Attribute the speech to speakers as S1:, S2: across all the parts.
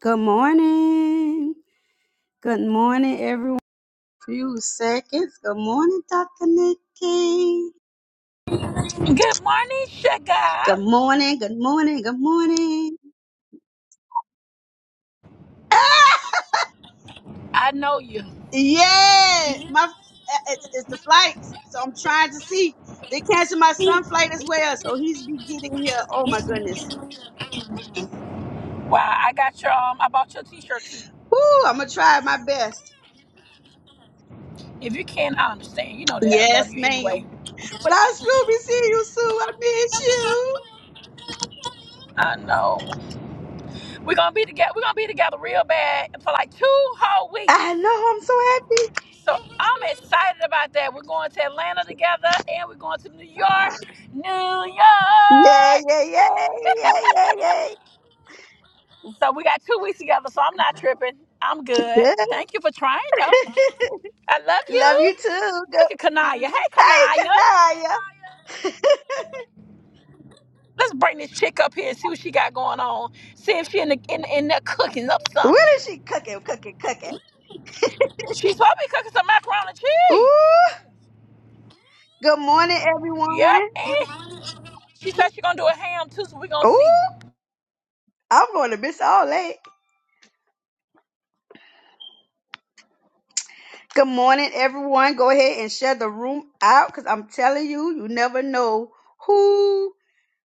S1: Good morning. Good morning, everyone. Few seconds. Good morning, Dr. Nikki.
S2: Good morning, sugar.
S1: Good morning. Good morning. Good morning.
S2: I know you.
S1: Yeah, my eh, it's, it's the flights, so I'm trying to see. They canceled my son flight as well, so he's be getting here. Oh my goodness.
S2: Wow, I got your um, I bought your T-shirt too.
S1: Woo! I'm gonna try my best.
S2: If you can, I understand. You know that I love
S1: Yes,
S2: you anyway.
S1: ma'am. But I'll still be seeing you soon. I miss you.
S2: I know. We're gonna be together. We're gonna be together real bad for like two whole weeks.
S1: I know. I'm so happy.
S2: So I'm excited about that. We're going to Atlanta together, and we're going to New York, New
S1: Yeah,
S2: York.
S1: yeah, yeah, yeah, yeah,
S2: So we got two weeks together. So I'm not tripping. I'm good.
S1: yeah.
S2: Thank you for trying though. I love you.
S1: Love you too. Go.
S2: Look at Kanaya. Hey,
S1: Hey,
S2: Kanaya.
S1: Kanaya.
S2: Let's bring this chick up here and see what she got going on. See if she in the in, in there cooking up
S1: What
S2: something.
S1: is she cooking? Cooking, cooking.
S2: She's supposed to be cooking some macaroni and cheese.
S1: Ooh. Good morning, everyone.
S2: Yep. And she said she's gonna do a ham too, so we gonna
S1: Ooh.
S2: see.
S1: I'm going to miss all that. Good morning, everyone. Go ahead and share the room out because I'm telling you, you never know who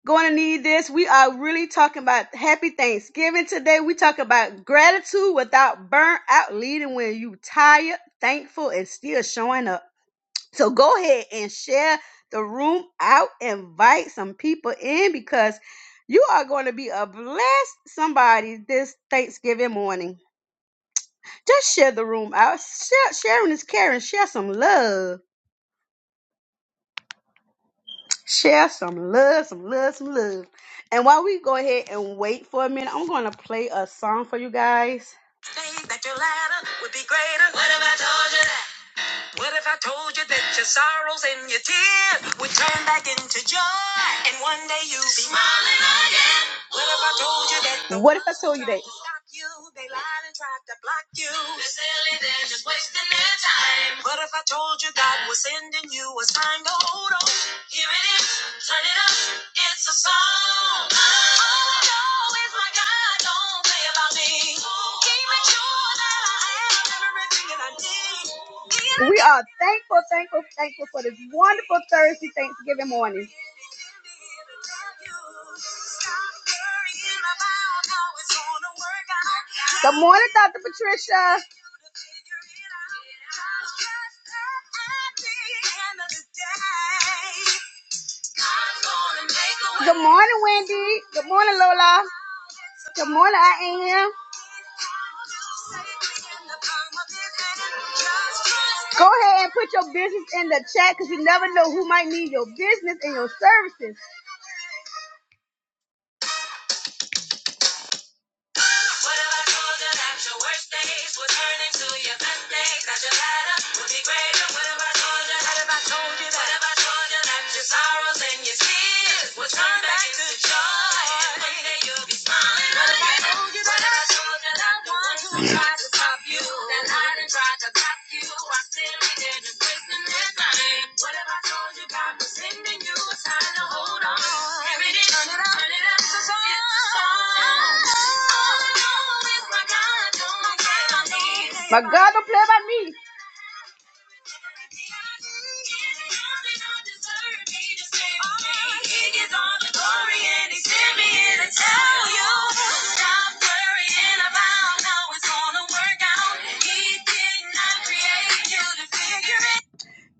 S1: going to need this. We are really talking about happy Thanksgiving today. We talk about gratitude without burnout, leading when you tired, thankful, and still showing up. So go ahead and share the room out, invite some people in because you are going to be a blessed somebody this Thanksgiving morning. Just share the room out. Share, sharing is caring. Share some love. Share some love, some love, some love. And while we go ahead and wait for a minute, I'm going to play a song for you guys. Think That your ladder would be greater. What if I told you that? What if I told you that your sorrows and your tears would turn back into joy, and one day you'll be smiling again? What if I told you that? the What if I told you that? you, They lied and tried to block you. They're silly, they're just wasting their time. What if I told you God was sending you a sign to hold on? Here it is, turn it up, it's a song. All I know is my God don't play about me. He makes sure that I have everything that I need. We are thankful, thankful, thankful for this wonderful Thursday Thanksgiving morning. Good morning, Dr. Patricia. Good morning, Wendy. Good morning, Lola. Good morning, I am. Go ahead and put your business in the chat because you never know who might need your business and your services. What if I told you that your worst days would turn into your best days? That your ladder would be greater. What if I told you? What if I told you that? What if I told you that your sorrows and your tears would turn back to joy? And one day you'll be smiling. What if I told you that? What if I told you that? one who tried to stop you. That lied and tried to block you. I still ain't in prison this time. What have I told you? God was sending you a sign to hold on. Here it is. Turn it up. Turn it up. It's a song. It's a song. All I know is my God don't play by me. My God don't play by me. Figure it out.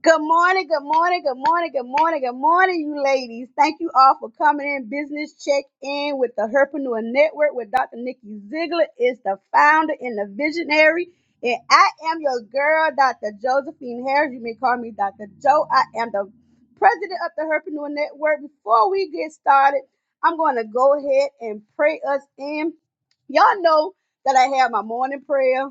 S1: Good morning, good morning, good morning, good morning, good morning, you ladies. Thank you all for coming in. Business check in with the Herpreneur Network with Dr. Nikki Ziegler is the founder and the visionary. And I am your girl, Dr. Josephine Harris. You may call me Dr. Joe. I am the president of the Herpreneur Network. Before we get started, I'm going to go ahead and pray us in. Y'all know that I have my morning prayer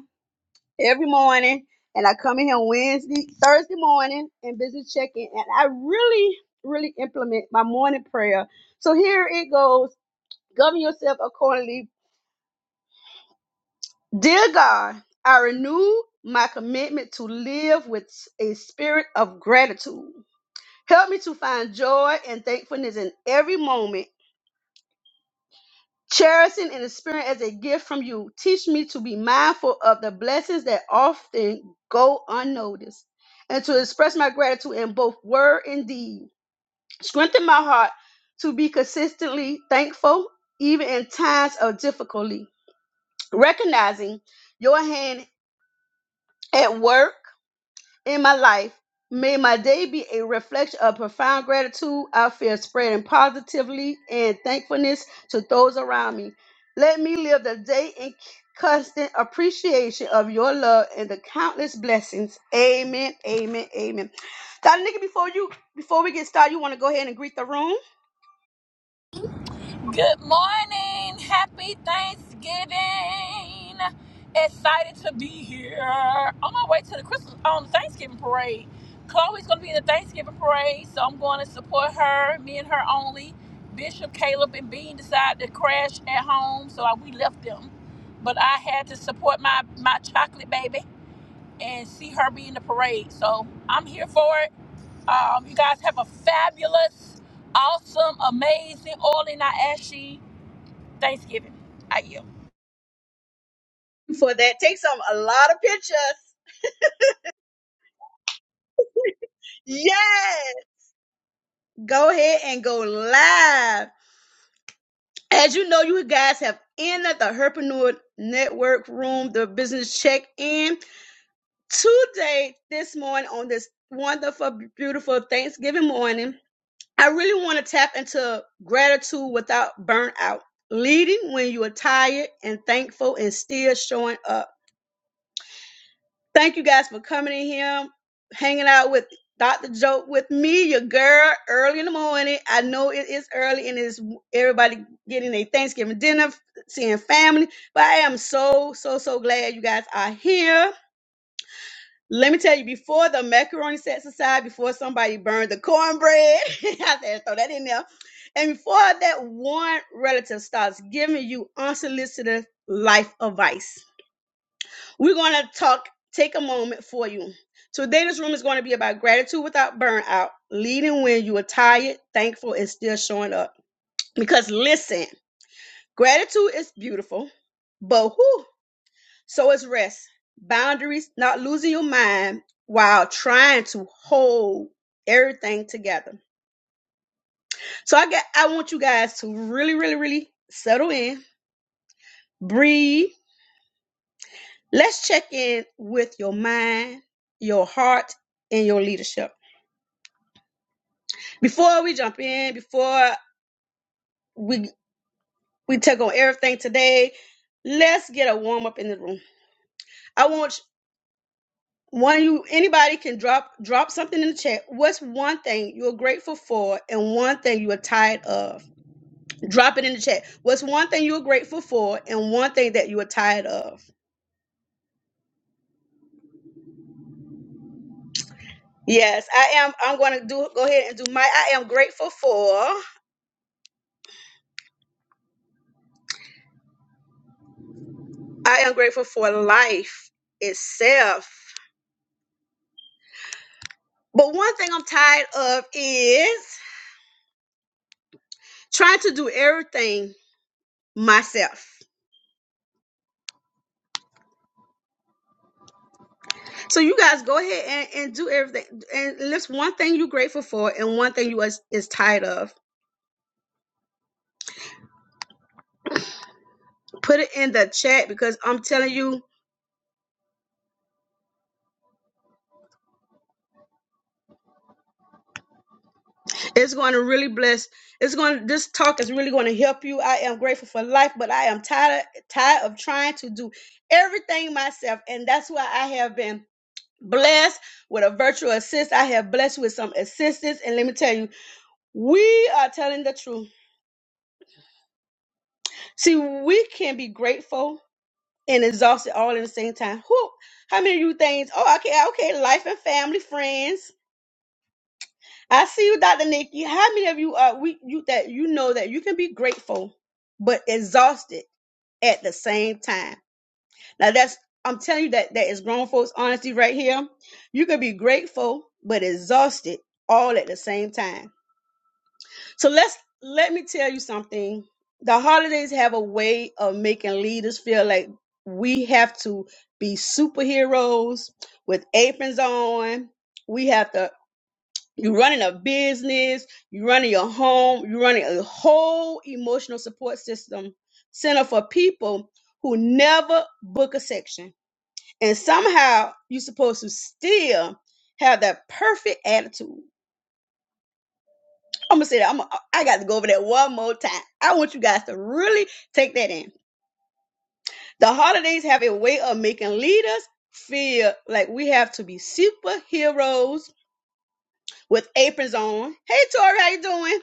S1: every morning and I come in here Wednesday, Thursday morning and business check in, and I really, really implement my morning prayer. So here it goes. Govern yourself accordingly. Dear God, I renew my commitment to live with a spirit of gratitude. Help me to find joy and thankfulness in every moment cherishing and experience as a gift from you. Teach me to be mindful of the blessings that often go unnoticed and to express my gratitude in both word and deed. Strengthen my heart to be consistently thankful, even in times of difficulty, recognizing your hand at work in my life. May my day be a reflection of profound gratitude I feel spreading positively and thankfulness to those around me. Let me live the day in constant appreciation of your love and the countless blessings. Amen. Amen. Amen. Dr. Nikki, before you before we get started, you want to go ahead and greet the room?
S2: Good morning. Happy Thanksgiving. Excited to be here. On my way to the Christmas on the Thanksgiving parade. Chloe's gonna be in the Thanksgiving parade, so I'm going to support her. Me and her only. Bishop, Caleb, and Bean decided to crash at home, so I, we left them. But I had to support my my chocolate baby and see her be in the parade. So I'm here for it. Um, you guys have a fabulous, awesome, amazing, oily, not ashy Thanksgiving. I yield.
S1: for that. Take some a lot of pictures. Yes. Go ahead and go live. As you know, you guys have entered the Herpreneur Network Room, the business check-in today, this morning on this wonderful, beautiful Thanksgiving morning. I really want to tap into gratitude without burnout, leading when you are tired and thankful and still showing up. Thank you guys for coming in here, hanging out with Dr. Joke with me, your girl, early in the morning. I know it is early and it's everybody getting a Thanksgiving dinner, seeing family, but I am so, so, so glad you guys are here. Let me tell you, before the macaroni sets aside, before somebody burned the cornbread, I said throw that in there. And before that one relative starts giving you unsolicited life advice we're going to talk, take a moment for you. Today, this room is going to be about gratitude without burnout, leading when you are tired, thankful, and still showing up. Because listen, gratitude is beautiful, but whew, so is rest, boundaries, not losing your mind while trying to hold everything together. So I get, I want you guys to really, really, really settle in, breathe. Let's check in with your mind, your heart, and your leadership. Before we jump in, before we we take on everything today, let's get a warm up in the room. I want one of you anybody can drop drop something in the chat. What's one thing you're grateful for and one thing you are tired of? Drop it in the chat. What's one thing you're grateful for and one thing that you are tired of? Yes, I am I'm going to do go ahead and do my I am grateful for I am grateful for life itself. But one thing I'm tired of is Trying to do everything myself. So you guys go ahead and, and do everything. And list one thing you're grateful for and one thing you is, is tired of. Put it in the chat because I'm telling you, it's going to really bless. It's going to this talk is really going to help you. I am grateful for life, but I am tired tired of trying to do everything myself. And that's why I have been blessed with a virtual assist. I have blessed with some assistance. And let me tell you, we are telling the truth. See, we can be grateful and exhausted all at the same time. Who? How many of you things? Oh, okay, okay. Life and family, friends. I see you, Dr. Nikki. How many of you are we you that you know that you can be grateful but exhausted at the same time? Now that's I'm telling you that that is grown folks honesty right here. You can be grateful but exhausted all at the same time. So let's let me tell you something. The holidays have a way of making leaders feel like we have to be superheroes with aprons on. We have to you're running a business, you're running your home, you're running a whole emotional support system center for people who never book a section. And somehow you're supposed to still have that perfect attitude I'm gonna say that. I'm. Gonna, I got to go over that one more time. I want you guys to really take that in. The holidays have a way of making leaders feel like we have to be superheroes with aprons on. Hey, Tori, how you doing?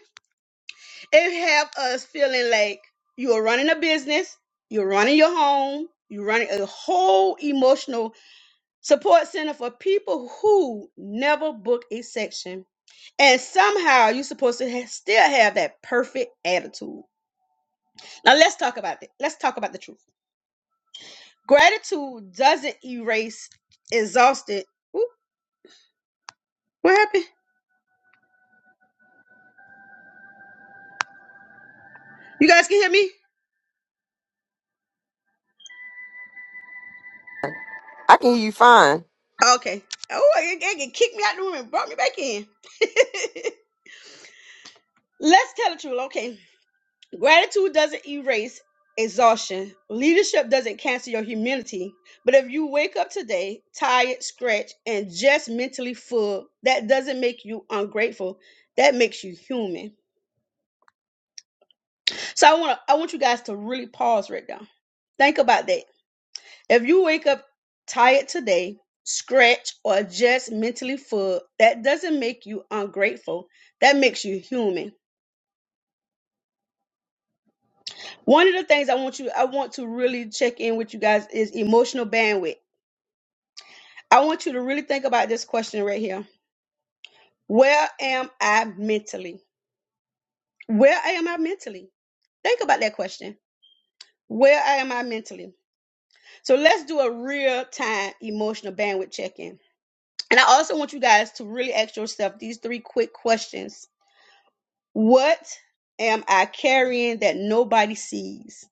S1: It have us feeling like you are running a business, you're running your home, you're running a whole emotional support center for people who never book a section, and somehow you're supposed to ha- still have that perfect attitude. Now let's talk about it. Let's talk about the truth. Gratitude doesn't erase exhausted. Ooh, what happened? You guys can hear me?
S3: I can hear you fine.
S1: Okay. Oh, it, it, it kicked me out the room and brought me back in. let's tell the truth. Okay. Gratitude doesn't erase exhaustion. Leadership doesn't cancel your humility. But if you wake up today tired, scratched, and just mentally full, that doesn't make you ungrateful. That makes you human. So I want I want you guys to really pause right now. Think about that. If you wake up tired today, scratch or just mentally full, that doesn't make you ungrateful. That makes you human. One of the things I want you I want to really check in with you guys is emotional bandwidth. I want you to really think about this question right here. Where am I mentally? Where am I mentally? Think about that question. Where am I mentally? So let's do a real time emotional bandwidth check in. And I also want you guys to really ask yourself these three quick questions. What am I carrying that nobody sees?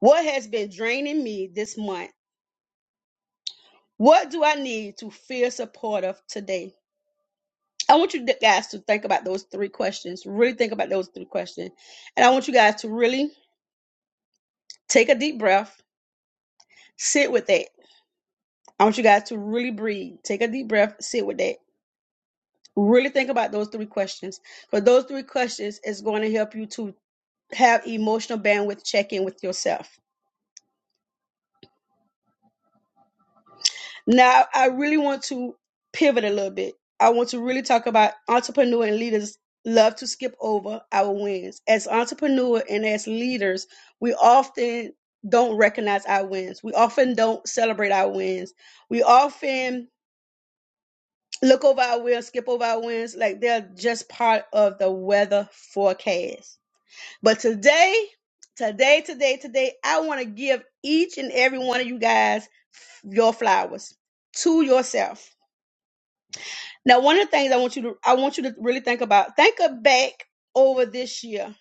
S1: What has been draining me this month? What do I need to feel supportive today? I want you guys to think about those three questions. Really think about those three questions. And I want you guys to really take a deep breath, sit with that. I want you guys to really breathe. Take a deep breath, sit with that. Really think about those three questions. Because those three questions is going to help you to have emotional bandwidth check in with yourself. Now, I really want to pivot a little bit. I want to really talk about entrepreneur and leaders love to skip over our wins. As entrepreneur and as leaders, we often don't recognize our wins. We often don't celebrate our wins. We often look over our wins, skip over our wins, like they're just part of the weather forecast But today, today, today, today, I want to give each and every one of you guys your flowers to yourself. Now, one of the things I want you to I want you to really think about, think of back over this year.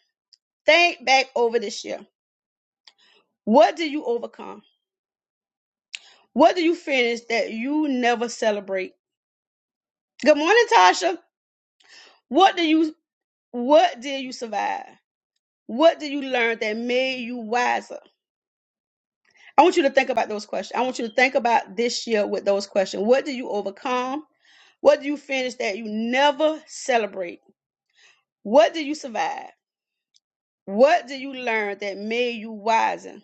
S1: Think back over this year. What do you overcome? What do you finish that you never celebrate? Good morning, Tasha. What do you what did you survive? What did you learn that made you wiser? I want you to think about those questions. I want you to think about this year with those questions. What do you overcome? What do you finish that you never celebrate? What do you survive? What do you learn that made you wiser?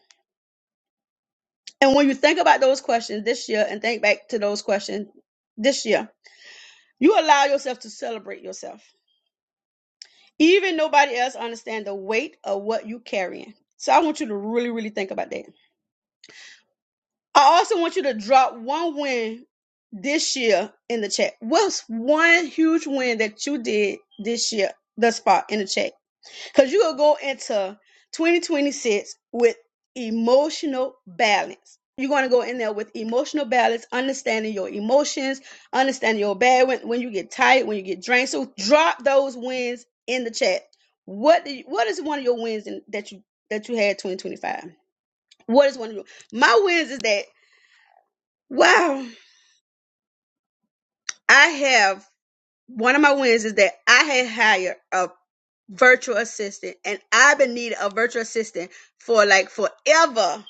S1: And when you think about those questions this year and think back to those questions this year, you allow yourself to celebrate yourself. Even nobody else understand the weight of what you carrying. So I want you to really, really think about that. I also want you to drop one win this year in the chat. What's one huge win that you did this year thus far in the chat? Because you will go into 2026 with emotional balance. You're going to go in there with emotional balance, understanding your emotions, understanding your bad when, when you get tired, when you get drained. So drop those wins in the chat. What do you, what is one of your wins in, that you that you had 2025? What is one of your my wins is that Wow. I have one of my wins is that I had hired a virtual assistant and I've been needing a virtual assistant for like forever.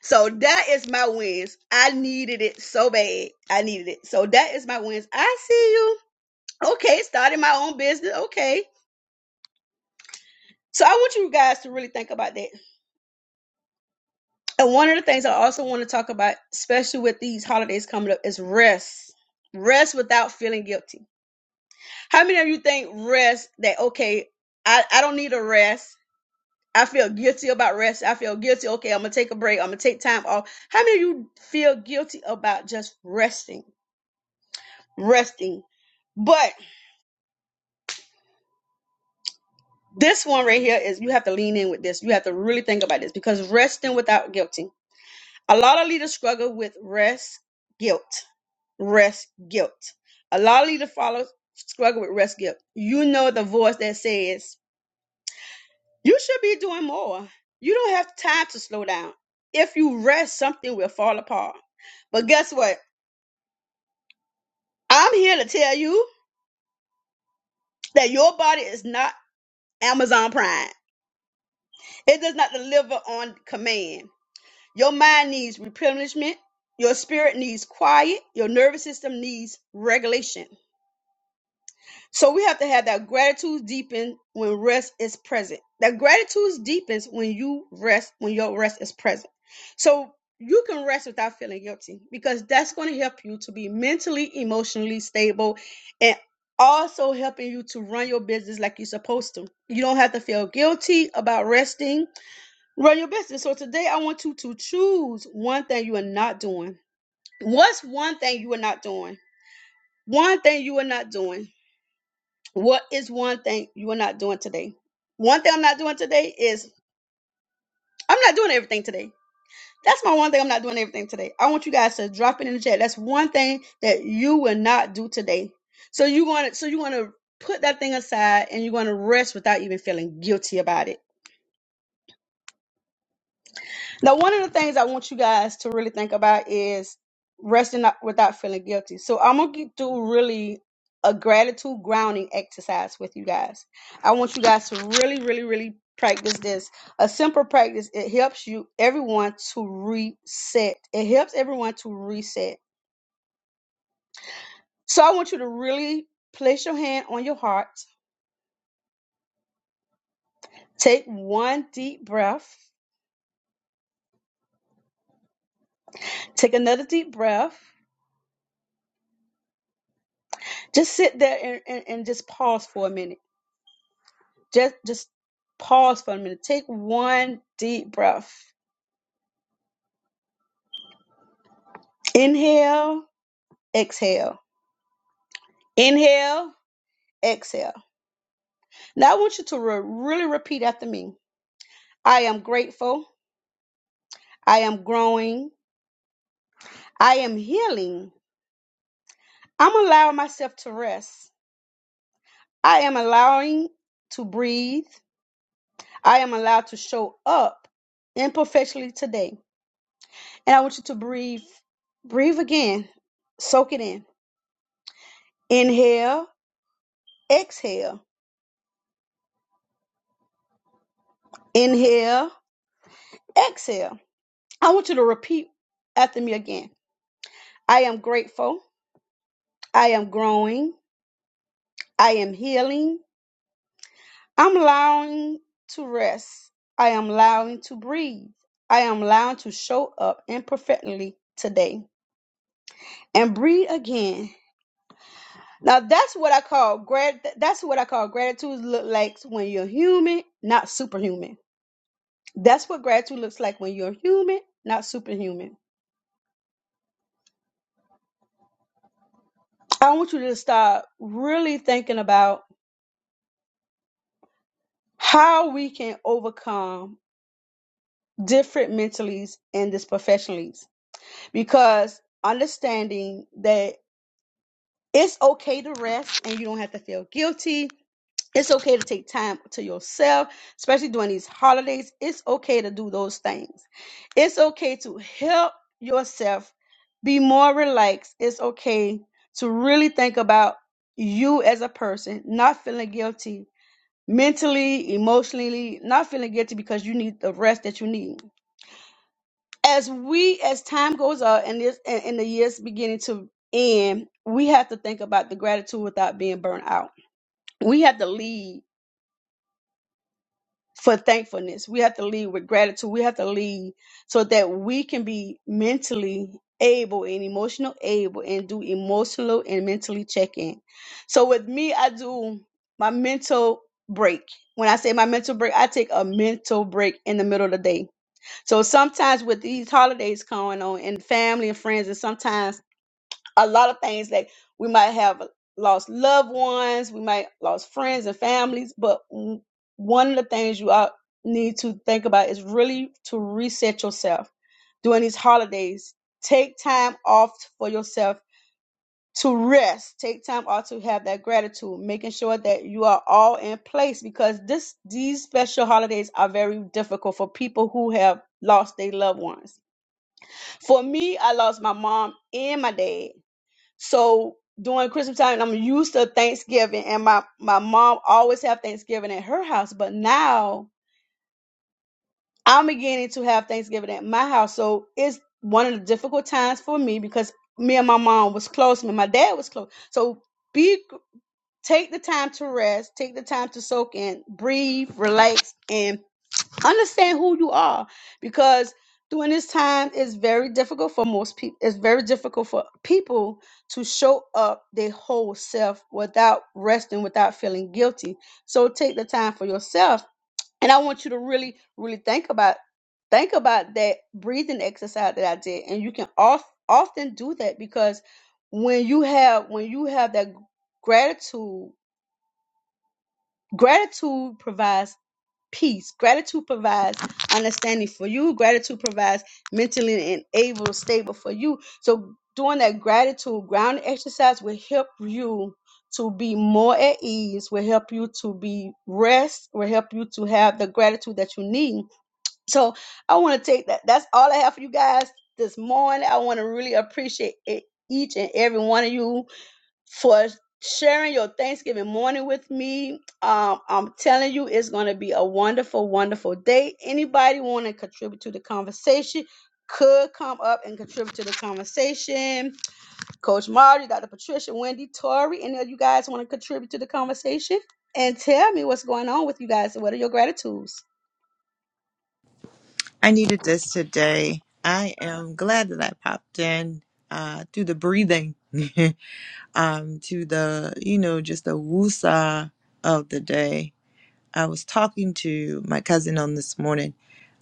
S1: So that is my wins. I needed it so bad. I needed it. So that is my wins. I see you. Okay, starting my own business. Okay. So I want you guys to really think about that. And one of the things I also want to talk about, especially with these holidays coming up, is rest. Rest without feeling guilty How many of you think rest that okay, I, I don't need a rest. I feel guilty about rest. I feel guilty. Okay, I'm gonna take a break. I'm gonna take time off. How many of you feel guilty about just resting? Resting. But this one right here is you have to lean in with this. You have to really think about this because resting without guilty. A lot of leaders struggle with rest, guilt, rest, guilt. A lot of leaders follow struggle with rest guilt. You know the voice that says You should be doing more. You don't have time to slow down. If you rest, something will fall apart. But guess what? I'm here to tell you that your body is not Amazon Prime. It does not deliver on command. Your mind needs replenishment. Your spirit needs quiet. Your nervous system needs regulation. So we have to have that gratitude deepen when rest is present. That gratitude deepens when you rest, when your rest is present. So you can rest without feeling guilty because that's going to help you to be mentally, emotionally stable and also helping you to run your business like you're supposed to. You don't have to feel guilty about resting. Run your business. So today I want you to choose one thing you are not doing. What's one thing you are not doing? One thing you are not doing what is one thing you are not doing today? One thing I'm not doing today is I'm not doing everything today. That's my one thing I'm not doing everything today. I want you guys to drop it in the chat. That's one thing that you will not do today. So you want to so you want to put that thing aside and you want to rest without even feeling guilty about it Now, one of the things I want you guys to really think about is resting up without feeling guilty. So I'm gonna get through really a gratitude grounding exercise with you guys. I want you guys to really, really, really practice this. A simple practice. It helps you everyone to reset. It helps everyone to reset. So I want you to really place your hand on your heart. Take one deep breath. Take another deep breath. Just sit there and, and, and just pause for a minute Just just pause for a minute. Take one deep breath. Inhale, exhale. Inhale, exhale. Now I want you to re- really repeat after me. I am grateful. I am growing. I am healing. I'm allowing myself to rest. I am allowing to breathe. I am allowed to show up imperfectly today. And I want you to breathe. Breathe again. Soak it in. Inhale, exhale. Inhale, Exhale. I want you to repeat after me again. I am grateful. I am growing. I am healing. I'm allowing to rest. I am allowing to breathe. I am allowing to show up imperfectly today and breathe again. Now that's what I call grat. That's what I call gratitude look like when you're human, not superhuman. That's what gratitude looks like when you're human, not superhuman. I want you to start really thinking about how we can overcome different mentalities and this professionalities because understanding that it's okay to rest and you don't have to feel guilty it's okay to take time to yourself especially during these holidays it's okay to do those things it's okay to help yourself be more relaxed it's okay to really think about you as a person not feeling guilty mentally, emotionally, not feeling guilty because you need the rest that you need. As we, as time goes on and this and, and the years beginning to end, we have to think about the gratitude without being burnt out. We have to lead. for thankfulness. We have to lead with gratitude. We have to lead so that we can be mentally able and emotional able and do emotional and mentally check in. So with me, I do my mental break. When I say my mental break, I take a mental break in the middle of the day. So sometimes with these holidays going on and family and friends, and sometimes a lot of things that we might have lost loved ones, we might lost friends and families, but w- one of the things you all need to think about is really to reset yourself during these holidays. Take time off for yourself to rest. Take time off to have that gratitude, making sure that you are all in place because this these special holidays are very difficult for people who have lost their loved ones. For me, I lost my mom and my dad so during Christmas time, I'm used to Thanksgiving, and my my mom always have Thanksgiving at her house, but now I'm beginning to have Thanksgiving at my house. So it's one of the difficult times for me because me and my mom was close, me and my dad was close. So be take the time to rest, take the time to soak in, breathe, relax, and understand who you are because during this time it's very difficult for most people it's very difficult for people to show up their whole self without resting without feeling guilty so take the time for yourself and i want you to really really think about think about that breathing exercise that i did and you can off, often do that because when you have when you have that gratitude gratitude provides peace. Gratitude provides understanding for you. Gratitude provides mentally and able stable for you. So doing that gratitude ground exercise will help you to be more at ease, will help you to be rest, will help you to have the gratitude that you need. So I want to take that. That's all I have for you guys this morning. I want to really appreciate e- each and every one of you for sharing your Thanksgiving morning with me. Um, I'm telling you, it's going to be a wonderful, wonderful day. Anybody want to contribute to the conversation could come up and contribute to the conversation. Coach Marty, Dr. Patricia, Wendy, Tori, any of you guys want to contribute to the conversation? And tell me what's going on with you guys and what are your gratitudes?
S4: I needed this today. I am glad that I popped in uh, through the breathing, um, to the, you know, just the woosah of the day. I was talking to my cousin on this morning,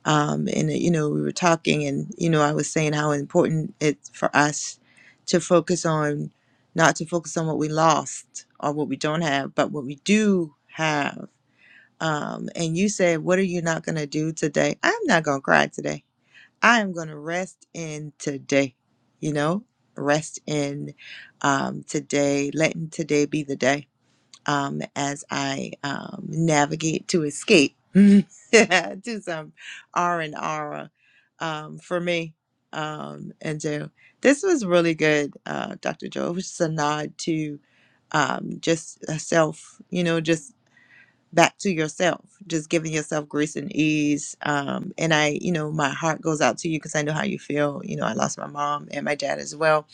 S4: um, and, you know, we were talking, and, you know, I was saying how important it's for us to focus on, not to focus on what we lost or what we don't have, but what we do have. Um, and you said, What are you not going to do today? I'm not going to cry today. I am going to rest in today, you know, rest in um, today, letting today be the day um, as I um, navigate to escape to some R and R um, for me. Um, and so this was really good, uh, Dr. Joe. It was just a nod to um, just a self, you know, just back to yourself just giving yourself grace and ease um and i you know my heart goes out to you because i know how you feel you know i lost my mom and my dad as well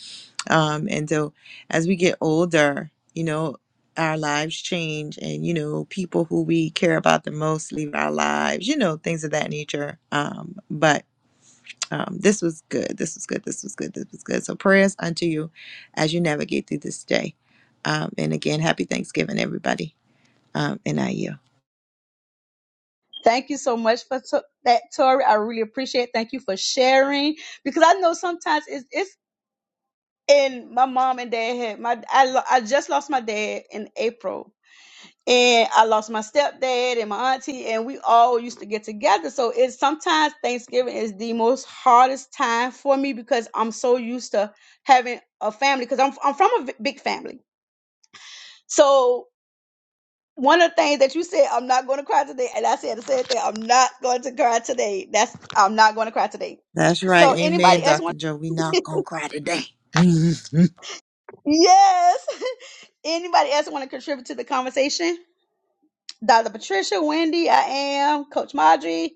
S4: um and so as we get older you know our lives change and you know people who we care about the most leave our lives you know things of that nature um but um, this was good. This was good. This was good. This was good. So prayers unto you as you navigate through this day. Um, and again, happy Thanksgiving, everybody. Um, and I yield.
S1: Thank you so much for to- that, Tori. I really appreciate it. Thank you for sharing because I know sometimes it's it's and my mom and dad had my I, lo- I just lost my dad in April and I lost my stepdad and my auntie and we all used to get together so it's sometimes Thanksgiving is the most hardest time for me because I'm so used to having a family because I'm I'm from a v- big family so one of the things that you said I'm not going to cry today and I said the same thing I'm not going to cry today that's I'm not going to cry today
S4: That's right.
S1: so
S4: Amen,
S1: anybody else
S4: Dr.
S1: want
S4: Joe. We not gonna cry today.
S1: yes anybody else want to contribute to the conversation Dr. Patricia, Wendy, I am Coach Marjorie.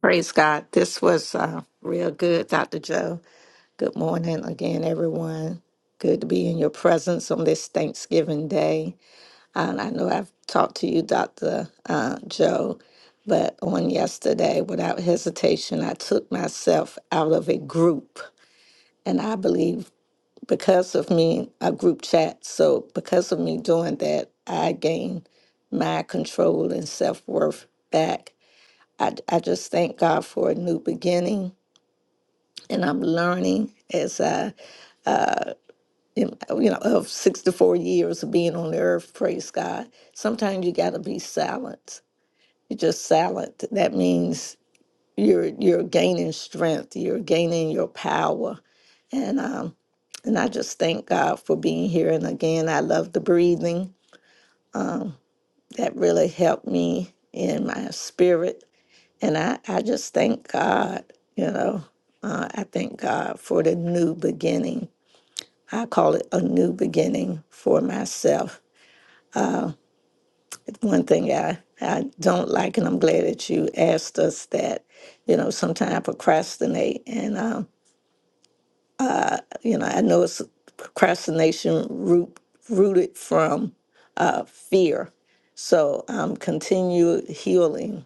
S5: Praise God. This was uh, real good, Dr. Joe. Good morning again, everyone. Good to be in your presence on this Thanksgiving Day. And I know I've talked to you, Dr. Uh, Joe, but on yesterday, without hesitation, I took myself out of a group. And I believe because of me, a group chat. So because of me doing that, I gained my control and self worth back I, I just thank God for a new beginning. And I'm learning as I, uh, in- you know, of 64 years of being on the earth, praise God. Sometimes you got to be silent. You're just silent. That means you're you're gaining strength. You're gaining your power. And um, and I just thank God for being here. And again, I love the breathing. Um, that really helped me in my spirit And I, I just thank God, you know, uh, I thank God for the new beginning. I call it a new beginning for myself. It's one thing I, I don't like, and I'm glad that you asked us that, you know, sometimes I procrastinate. And, um, you know, I know it's procrastination root, rooted from uh, fear. So I'm continued healing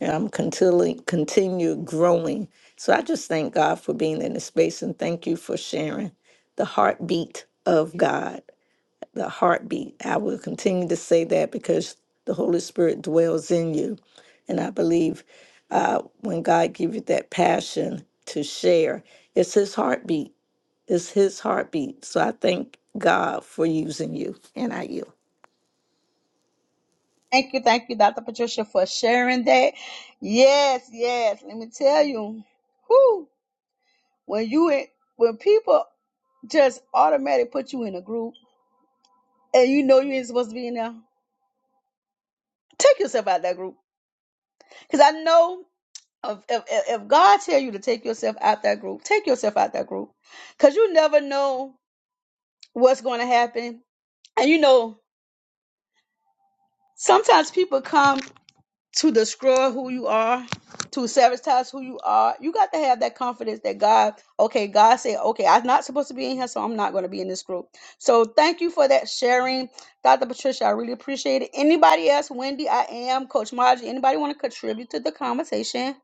S5: and I'm continually continue growing. So I just thank God for being in this space and thank you for sharing the heartbeat of God, the heartbeat. I will continue to say that because the Holy Spirit dwells in you, and I believe uh, when God gives you that passion to share, it's His heartbeat. It's His heartbeat. So I thank God for using you, and I yield.
S1: Thank you, thank you, Dr. Patricia, for sharing that. Yes, yes. Let me tell you, who when you in, when people just automatically put you in a group and you know you ain't supposed to be in there, take yourself out that group. Because I know if, if if if God tell you to take yourself out that group, take yourself out that group. Because you never know what's going to happen, and you know sometimes people come. to destroy who you are, to sabotage who you are. You got to have that confidence that God, okay, God said, okay, I'm not supposed to be in here, so I'm not going to be in this group. So thank you for that sharing, Dr. Patricia. I really appreciate it. Anybody else, Wendy, I am, Coach Margie, anybody want to contribute to the conversation?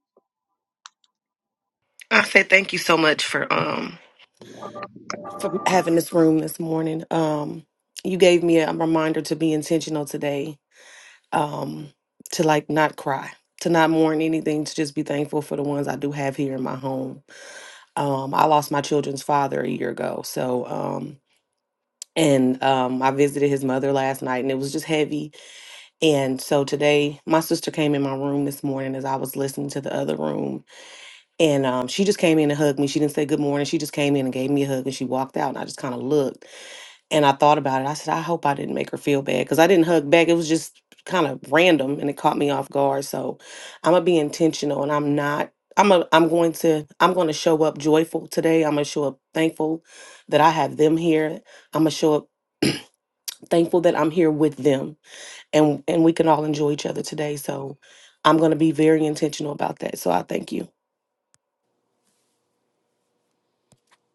S6: I said thank you so much for um for having this room this morning. Um, you gave me a reminder to be intentional today. Um, to like not cry, to not mourn anything, to just be thankful for the ones I do have here in my home. Um, I lost my children's father a year ago, so um. And um, I visited his mother last night, and it was just heavy. And so today, my sister came in my room this morning as I was listening to the other room, And um, she just came in and hugged me. She didn't say good morning. She just came in and gave me a hug and she walked out. And I just kind of looked and I thought about it. I said, I hope I didn't make her feel bad because I didn't hug back. It was just kind of random and it caught me off guard. So I'm gonna be intentional and I'm not. I'm a, I'm going to I'm going to show up joyful today. I'm gonna show up thankful that I have them here. I'm gonna show up thankful that I'm here with them and and we can all enjoy each other today. So I'm going to be very intentional about that. So I thank you.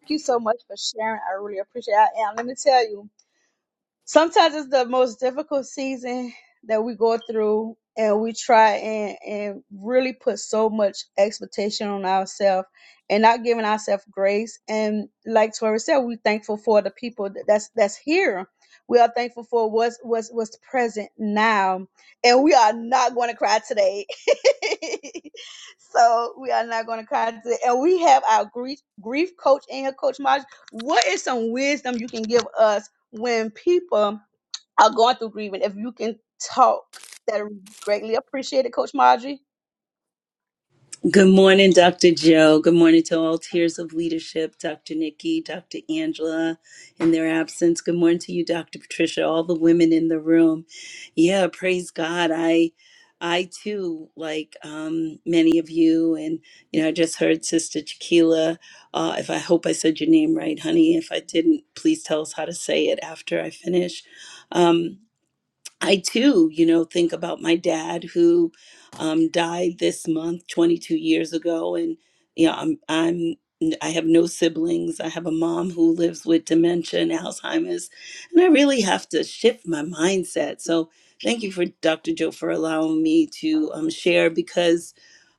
S1: Thank you so much for sharing. I really appreciate it. I am. Let me tell you. sometimes it's the most difficult season that we go through and we try and, and really put so much expectation on ourselves and not giving ourselves grace and like tori said we're thankful for the people that- that's that's here we are thankful for what's what's what's present now and we are not going to cry today so we are not going to cry today and we have our grief grief coach and here coach Marge. what is some wisdom you can give us when people are going through grieving, if you can talk, that are greatly appreciated, Coach Marjorie.
S7: Good morning, Dr. Joe. Good morning to all tiers of leadership, Dr. Nikki, Dr. Angela, in their absence. Good morning to you, Dr. Patricia, all the women in the room. Yeah, praise God. I I too, like um, many of you, and you know, I just heard Sister Chiquila. Uh, if I hope I said your name right, honey. If I didn't, please tell us how to say it after I finish. Um, I too, you know, think about my dad who um, died this month, 22 years ago, and you know, I'm I'm I have no siblings. I have a mom who lives with dementia and Alzheimer's, and I really have to shift my mindset. So, thank you for Dr. Joe for allowing me to um, share because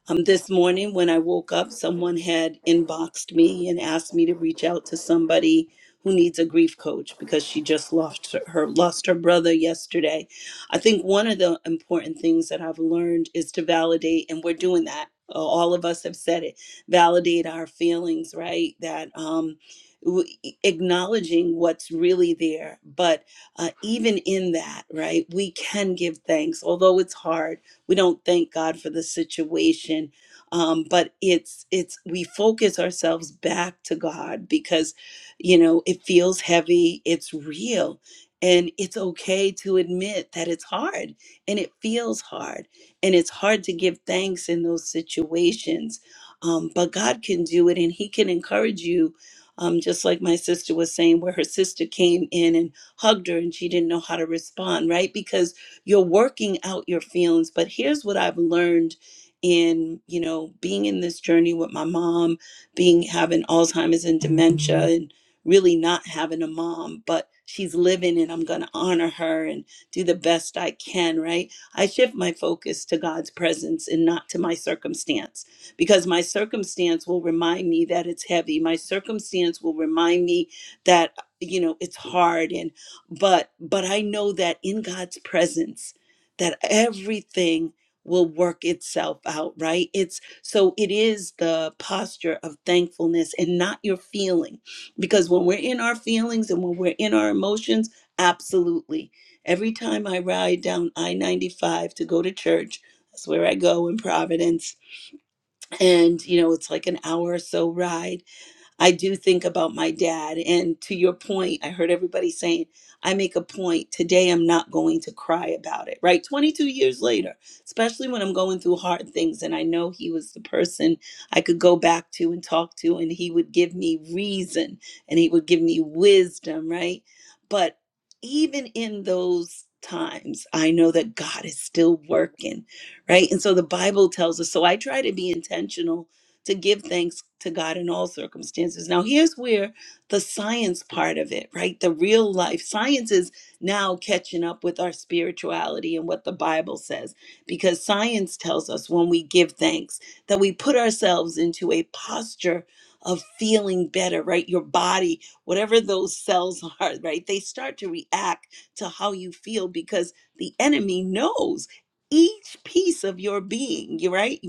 S7: um, this morning, when I woke up, someone had inboxed me and asked me to reach out to somebody who needs a grief coach because she just lost her, her lost her brother yesterday. I think one of the important things that I've learned is to validate, and we're doing that. Uh, All of us have said it. Validate our feelings, right? That um, w- e, acknowledging what's really there, but uh, even in that, right, we can give thanks, although it's hard we don't thank God for the situation. Um, but it's it's we focus ourselves back to God because you know it feels heavy, it's real, and it's okay to admit that it's hard and it feels hard and it's hard to give thanks in those situations. Um, but God can do it and He can encourage you. Um, just like my sister was saying, where her sister came in and hugged her and she didn't know how to respond, right? Because you're working out your feelings but here's what i've learned in you know being in this journey with my mom being having alzheimer's and dementia and really not having a mom but she's living and i'm going to honor her and do the best i can right i shift my focus to god's presence and not to my circumstance because my circumstance will remind me that it's heavy my circumstance will remind me that you know it's hard and but but i know that in god's presence that everything will work itself out right it's so it is the posture of thankfulness and not your feeling because when we're in our feelings and when we're in our emotions absolutely every time i ride down i-95 to go to church that's where i go in providence and you know it's like an hour or so ride I do think about my dad. And to your point, I heard everybody saying, I make a point today, I'm not going to cry about it, right? 22 years later, especially when I'm going through hard things. And I know he was the person I could go back to and talk to, and he would give me reason and he would give me wisdom, right? But even in those times, I know that God is still working, right? And so the Bible tells us. So I try to be intentional to give thanks to God in all circumstances. Now, here's where the science part of it, right? The real life science is now catching up with our spirituality and what the Bible says, because science tells us when we give thanks that we put ourselves into a posture of feeling better, right? Your body, whatever those cells are, right? They start to react to how you feel because the enemy knows each piece of your being, you right?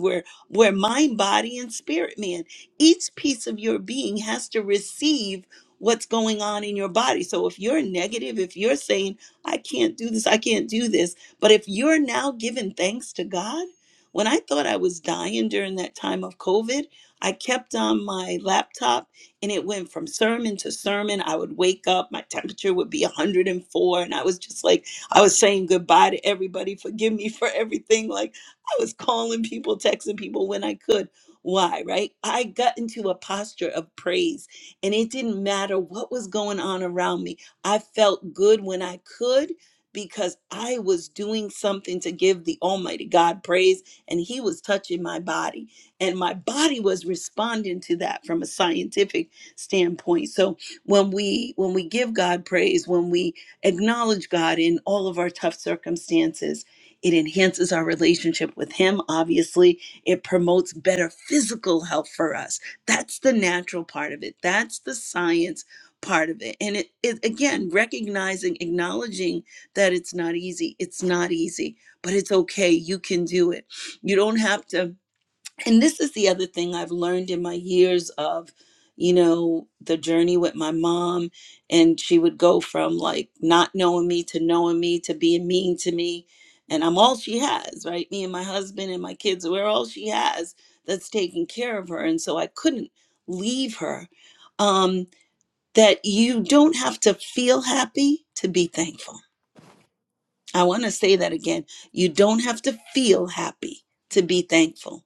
S7: We're mind, body, and spirit man. Each piece of your being has to receive what's going on in your body. So if you're negative, if you're saying, I can't do this, I can't do this, but if you're now giving thanks to God, when I thought I was dying during that time of COVID, I kept on my laptop and it went from sermon to sermon. I would wake up, my temperature would be 104, and four, and I was just like, I was saying goodbye to everybody, forgive me for everything. Like, I was calling people, texting people when I could. Why, right? I got into a posture of praise and it didn't matter what was going on around me. I felt good when I could because I was doing something to give the Almighty God praise and He was touching my body. And my body was responding to that from a scientific standpoint. So when we when we give God praise, when we acknowledge God in all of our tough circumstances, it enhances our relationship with Him, obviously. It promotes better physical health for us. That's the natural part of it, that's the science part of it. And it, it again, recognizing, acknowledging that it's not easy. It's not easy, but it's okay. You can do it. You don't have to and this is the other thing I've learned in my years of, you know, the journey with my mom. And she would go from like not knowing me to knowing me to being mean to me. And I'm all she has, right? Me and my husband and my kids, we're all she has that's taking care of her. And so I couldn't leave her. Um, that you don't have to feel happy to be thankful I want to say that again. You don't have to feel happy to be thankful.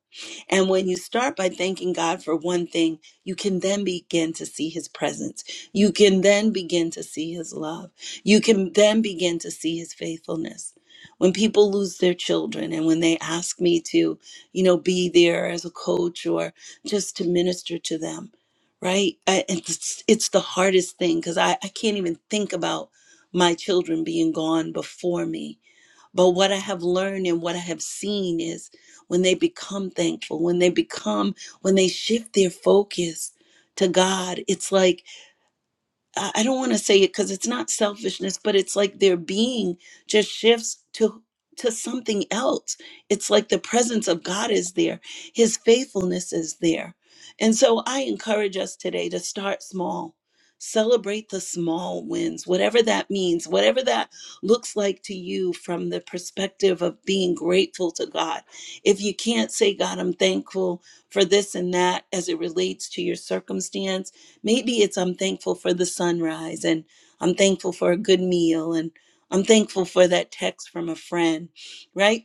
S7: And when you start by thanking God for one thing, you can then begin to see his presence. You can then begin to see his love. You can then begin to see his faithfulness. When people lose their children and when they ask me to, you know, be there as a coach or just to minister to them, right? I, it's, it's the hardest thing because I, I can't even think about my children being gone before me. But what I have learned and what I have seen is when they become thankful, when they become, when they shift their focus to God, it's like I I don't want to say it because it's not selfishness, but it's like their being just shifts to to something else. It's like the presence of God is there. His faithfulness is there. And so I encourage us today to start small. Celebrate the small wins, whatever that means, whatever that looks like to you from the perspective of being grateful to God. If you can't say, God, I'm thankful for this and that as it relates to your circumstance, Maybe it's I'm thankful for the sunrise and I'm thankful for a good meal and I'm thankful for that text from a friend, right?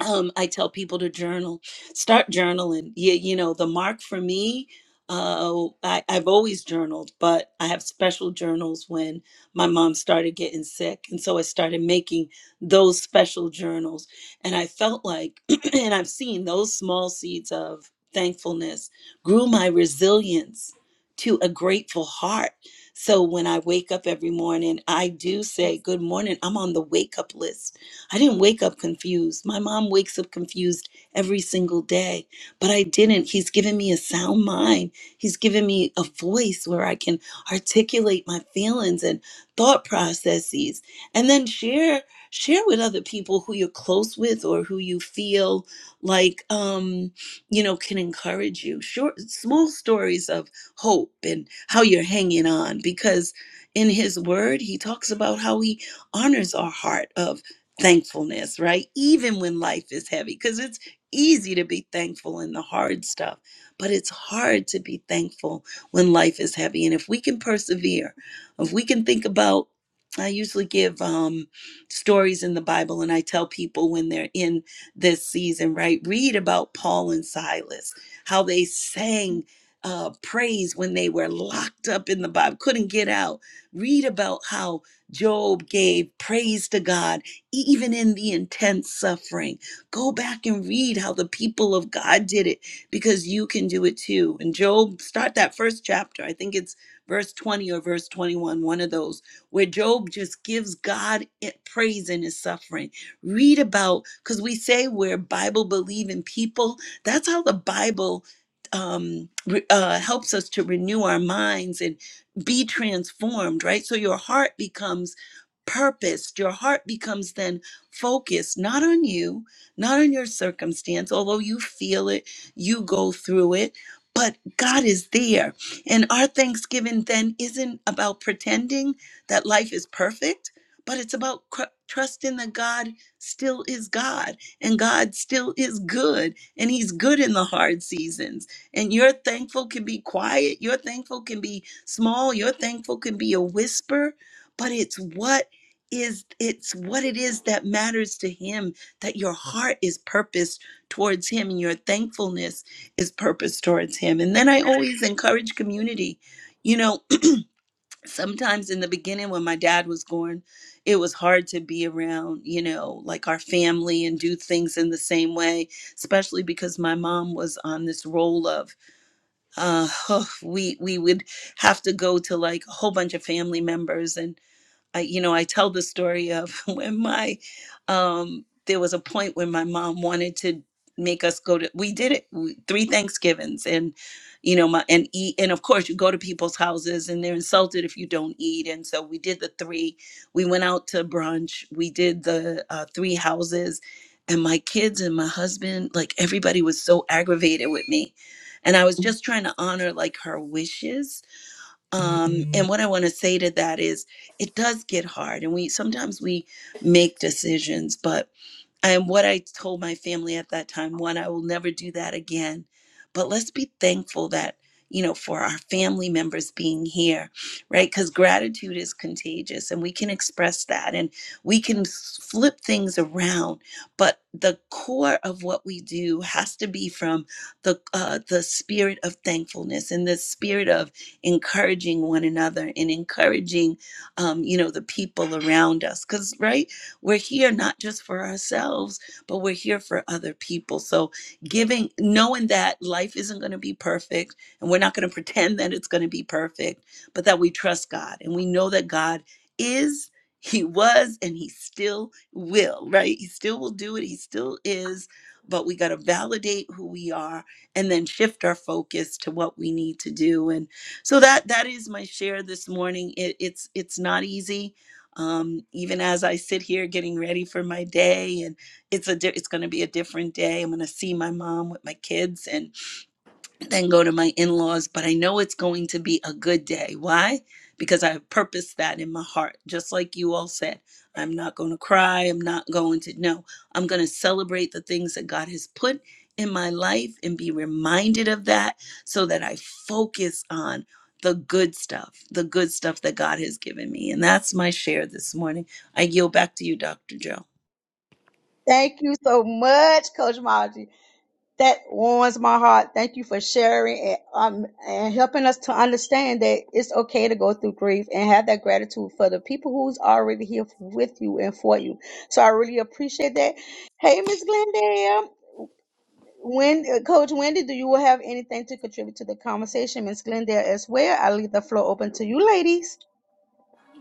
S7: um, I tell people to journal, start journaling. You, you know, the mark for me, uh, I, I've always journaled, but I have special journals when my mom started getting sick. And so I started making those special journals. And I felt like, and I've seen those small seeds of thankfulness grew my resilience to a grateful heart. So when I wake up every morning, I do say, Good morning. I'm on the wake up list I didn't wake up confused. My mom wakes up confused every single day, but I didn't. He's given me a sound mind. He's given me a voice where I can articulate my feelings and thought processes and then share share with other people who you're close with or who you feel like um you know can encourage you short small stories of hope and how you're hanging on because in his word he talks about how he honors our heart of thankfulness, right? Even when life is heavy, because it's easy to be thankful in the hard stuff, but it's hard to be thankful when life is heavy. And if we can persevere, if we can think about, I usually give um, stories in the Bible, and I tell people when they're in this season, right? Read about Paul and Silas, how they sang. Uh, praise when they were locked up in the Bible, couldn't get out. Read about how Job gave praise to God e-, even in the intense suffering. Go back and read how the people of God did it because you can do it too. And Job, start that first chapter. I think it's verse 20 or verse 21, one of those, where Job just gives God i- praise in his suffering. Read about, because we say we're Bible believing people. That's how the Bible um, re- uh, helps us to renew our minds and be transformed, right? So your heart becomes purpose. Your heart becomes then focused not on you, not on your circumstance, although you feel it, you go through it, but God is there. And our thanksgiving then isn't about pretending that life is perfect, but it's about cr- trusting that God still is God and God still is good and He's good in the hard seasons. And your thankful can be quiet, your thankful can be small, your thankful can be a whisper, but it's what is it's what it is that matters to him that your heart is purposed towards him and your thankfulness is purposed towards him and then i always encourage community you know sometimes in the beginning when my dad was gone it was hard to be around you know like our family and do things in the same way especially because my mom was on this role of uh we we would have to go to like a whole bunch of family members and. I, you know, I tell the story of when my, um, there was a point when my mom wanted to make us go to, we did it we, three Thanksgivings and, you know, my, and eat. And of course you go to people's houses and they're insulted if you don't eat. And so we did the three, we went out to brunch, we did the uh, three houses and my kids and my husband, like everybody was so aggravated with me. And I was just trying to honor like her wishes um, and what I want to say to that is, it does get hard, and we sometimes we make decisions, but and what I told my family at that time, one, I will never do that again. But let's be thankful that, you know, for our family members being here, right? Because gratitude is contagious and we can express that and we can s- flip things around. But the core of what we do has to be from the, uh, the spirit of thankfulness and the spirit of encouraging one another and encouraging, um, you know, the people around us. Because, right? We're here not just for ourselves, but we're here for other people. So giving, knowing that life isn't going to be perfect and we're not going to pretend that it's going to be perfect, but that we trust God and we know that God is. He was and he still will, right? He still will do it. He still is. But we got to validate who we are and then shift our focus to what we need to do. And so that that is my share this morning. It, it's it's not easy um, even as I sit here getting ready for my day, and it's a di- it's going to be a different day. I'm going to see my mom with my kids, and then go to my in laws, but I know it's going to be a good day. Why? Because I purposed that in my heart, just like you all said. I'm not going to cry. I'm not going to, no, I'm going to celebrate the things that God has put in my life and be reminded of that so that I focus on the good stuff, the good stuff that God has given me. And that's my share this morning. I yield back to you, Dr. Joe.
S1: Thank you so much, Coach Marjorie. That warms my heart. Thank you for sharing and um and helping us to understand that it's okay to go through grief and have that gratitude for the people who's already here with you and for you. So I really appreciate that. Hey, Miss Glendale. When uh, Coach Wendy, do you have anything to contribute to the conversation, Miss Glendale, as well? I leave the floor open to you, ladies.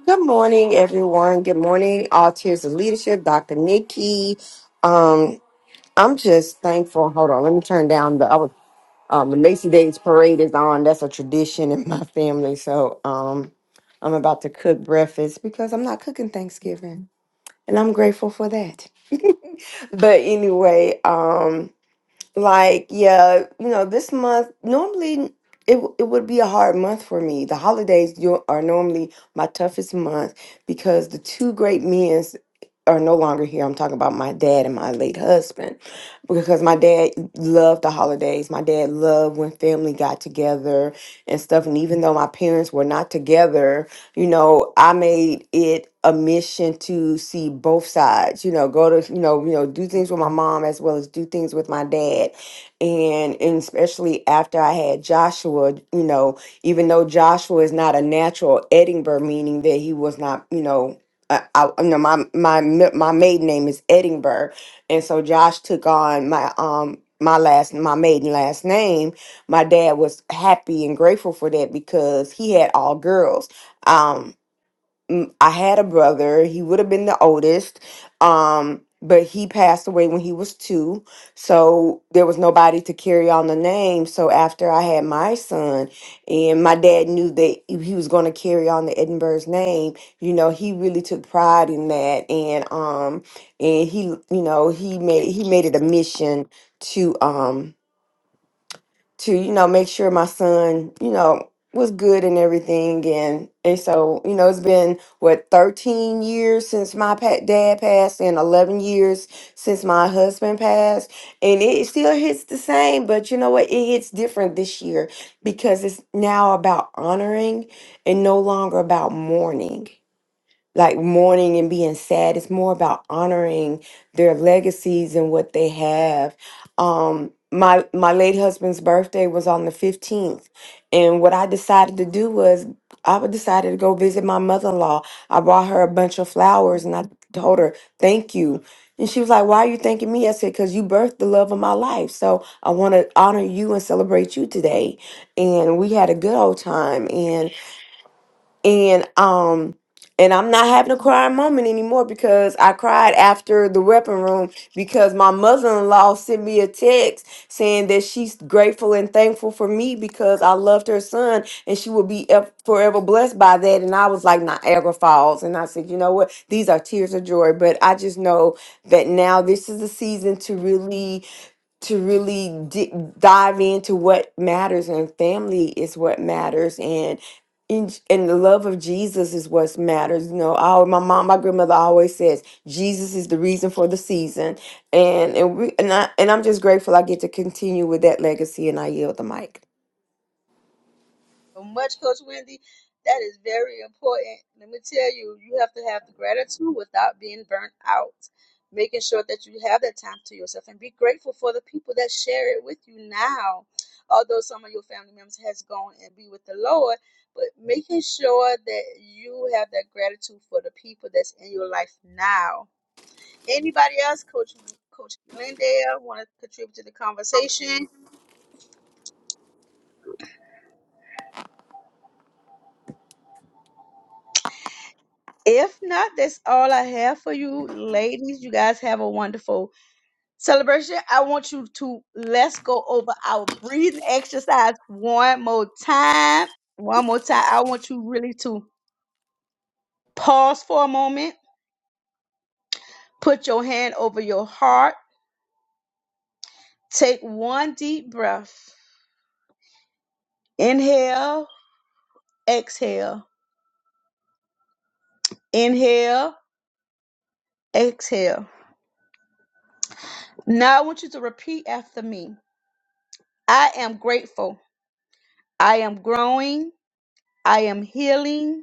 S3: Good morning, everyone. Good morning, all tiers of leadership, Dr. Nikki. Um, I'm just thankful. Hold on, let me turn down the. I was, um, the Macy Days parade is on. That's a tradition in my family. So um, I'm about to cook breakfast because I'm not cooking Thanksgiving, and I'm grateful for that. But anyway, um, Like, yeah, you know, this month normally it w- it would be a hard month for me. The holidays you are normally my toughest month because the two great men are no longer here. I'm talking about my dad and my late husband because my dad loved the holidays. My dad loved when family got together and stuff. And even though my parents were not together, you know i made it a mission to see both sides you know go to you know you know do things with my mom as well as do things with my dad and, and especially after i had joshua you know even though joshua is not a natural edinburgh meaning that he was not you know I, I, you know my my mi- my maiden name is Edinburgh, and so Josh took on my um my last my maiden last name. My dad was happy and grateful for that because he had all girls, um m- i had a brother he would have been the oldest um but he passed away when he was two so there was nobody to carry on the name so after i had my son and my dad knew that if he was going to carry on the edinburgh's name you know he really took pride in that and um and he you know he made he made it a mission to um to you know make sure my son you know was good and everything and and so you know it's been what 13 years since my pa- dad passed and 11 years since my husband passed and it still hits the same but you know what it hits different this year because it's now about honoring and no longer about mourning like mourning and being sad. It's more about honoring their legacies and what they have. Um, my my late husband's birthday was on the fifteenth, and what I decided to do was I decided to go visit my mother in law. I brought her a bunch of flowers, and I told her thank you. And she was like, "Why are you thanking me?" I said, "Cause you birthed the love of my life, so I want to honor you and celebrate you today." And we had a good old time, and um and I'm not having a crying moment anymore because I cried after the weapon room because my mother-in-law sent me a text saying that she's grateful and thankful for me because I loved her son and she will be ev- forever blessed by that. And I was like Niagara Falls. And I said, you know what? These are tears of joy. But I just know that now this is the season to really to really di- dive into what matters and family is what matters and in- and the love of Jesus is what matters. You know, I, my mom, my grandmother always says Jesus is the reason for the season, and and we and I and I'm just grateful I get to continue with that legacy, and I yield the mic.
S1: so much, Coach Wendy. That is very important. Let me tell you, you have to have the gratitude without being burnt out. Making sure that you have that time to yourself and be grateful for the people that share it with you now. Although some of your family members has gone and be with the Lord, but making sure that you have that gratitude for the people that's in your life now. Anybody else, Coach Coach Glendale, want to contribute to the conversation? If not, that's all I have for you, ladies. You guys have a wonderful celebration. I want you to let's go over our breathing exercise one more time. One more time. I want you really to pause for a moment, put your hand over your heart, take one deep breath. Inhale, exhale, inhale, exhale. Now I want you to repeat after me I am grateful, I am growing, I am healing.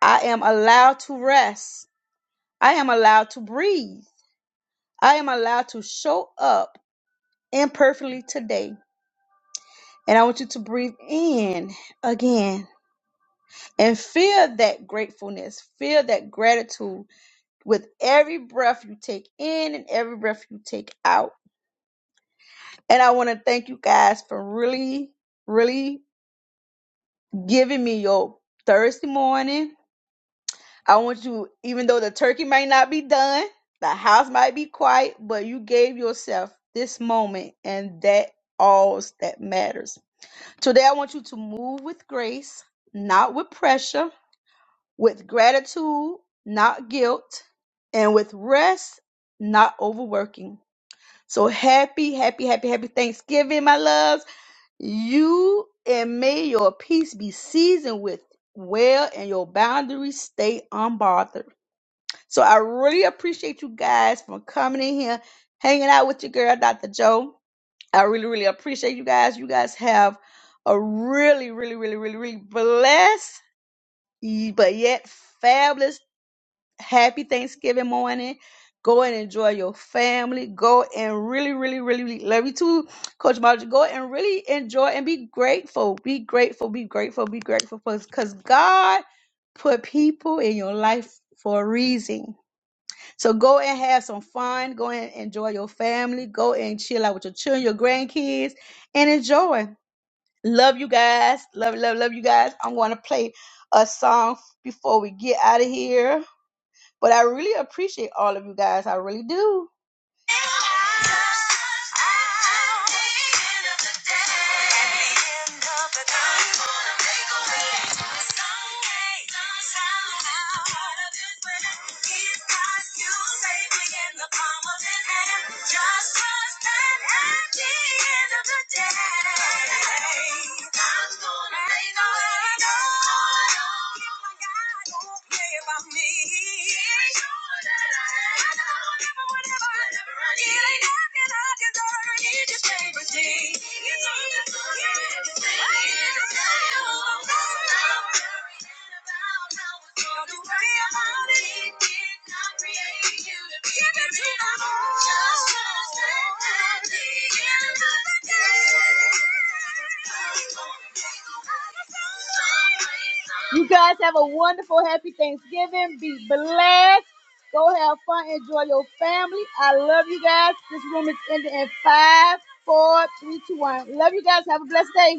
S1: I am allowed to rest. I am allowed to breathe. I am allowed to show up imperfectly today. And I want you to breathe in again and feel that gratefulness, feel that gratitude with every breath you take in and every breath you take out. And I want to thank you guys for really, really giving me your Thursday morning I want you, even though the turkey might not be done, the house might be quiet, but you gave yourself this moment, and that all that matters. Today, I want you to move with grace, not with pressure, with gratitude, not guilt, and with rest, not overworking. So happy, happy, happy, happy Thanksgiving, my loves. You and may your peace be seasoned with well and your boundaries stay unbothered. So I really appreciate you guys for coming in here, hanging out with your girl, Dr. Joe. I really, really appreciate you guys. You guys have a really, really, really, really, really blessed, y- but yet fabulous, happy Thanksgiving morning. Go and enjoy your family. Go and really, really, really, really love you too, Coach Margie. Go and really enjoy and be grateful. Be grateful. Be grateful. Be grateful for because God put people in your life for a reason so go and have some fun. Go and enjoy your family. Go and chill out with your children, your grandkids, and enjoy. Love you guys. Love, love, love you guys. I'm going to play a song before we get out of here. But I really appreciate all of you guys. I really do. About me. You guys have a wonderful, happy Thanksgiving. Be blessed. Go have fun. Enjoy your family. I love you guys. This room is ending in five, four, three, two, one. Love you guys. Have a blessed day.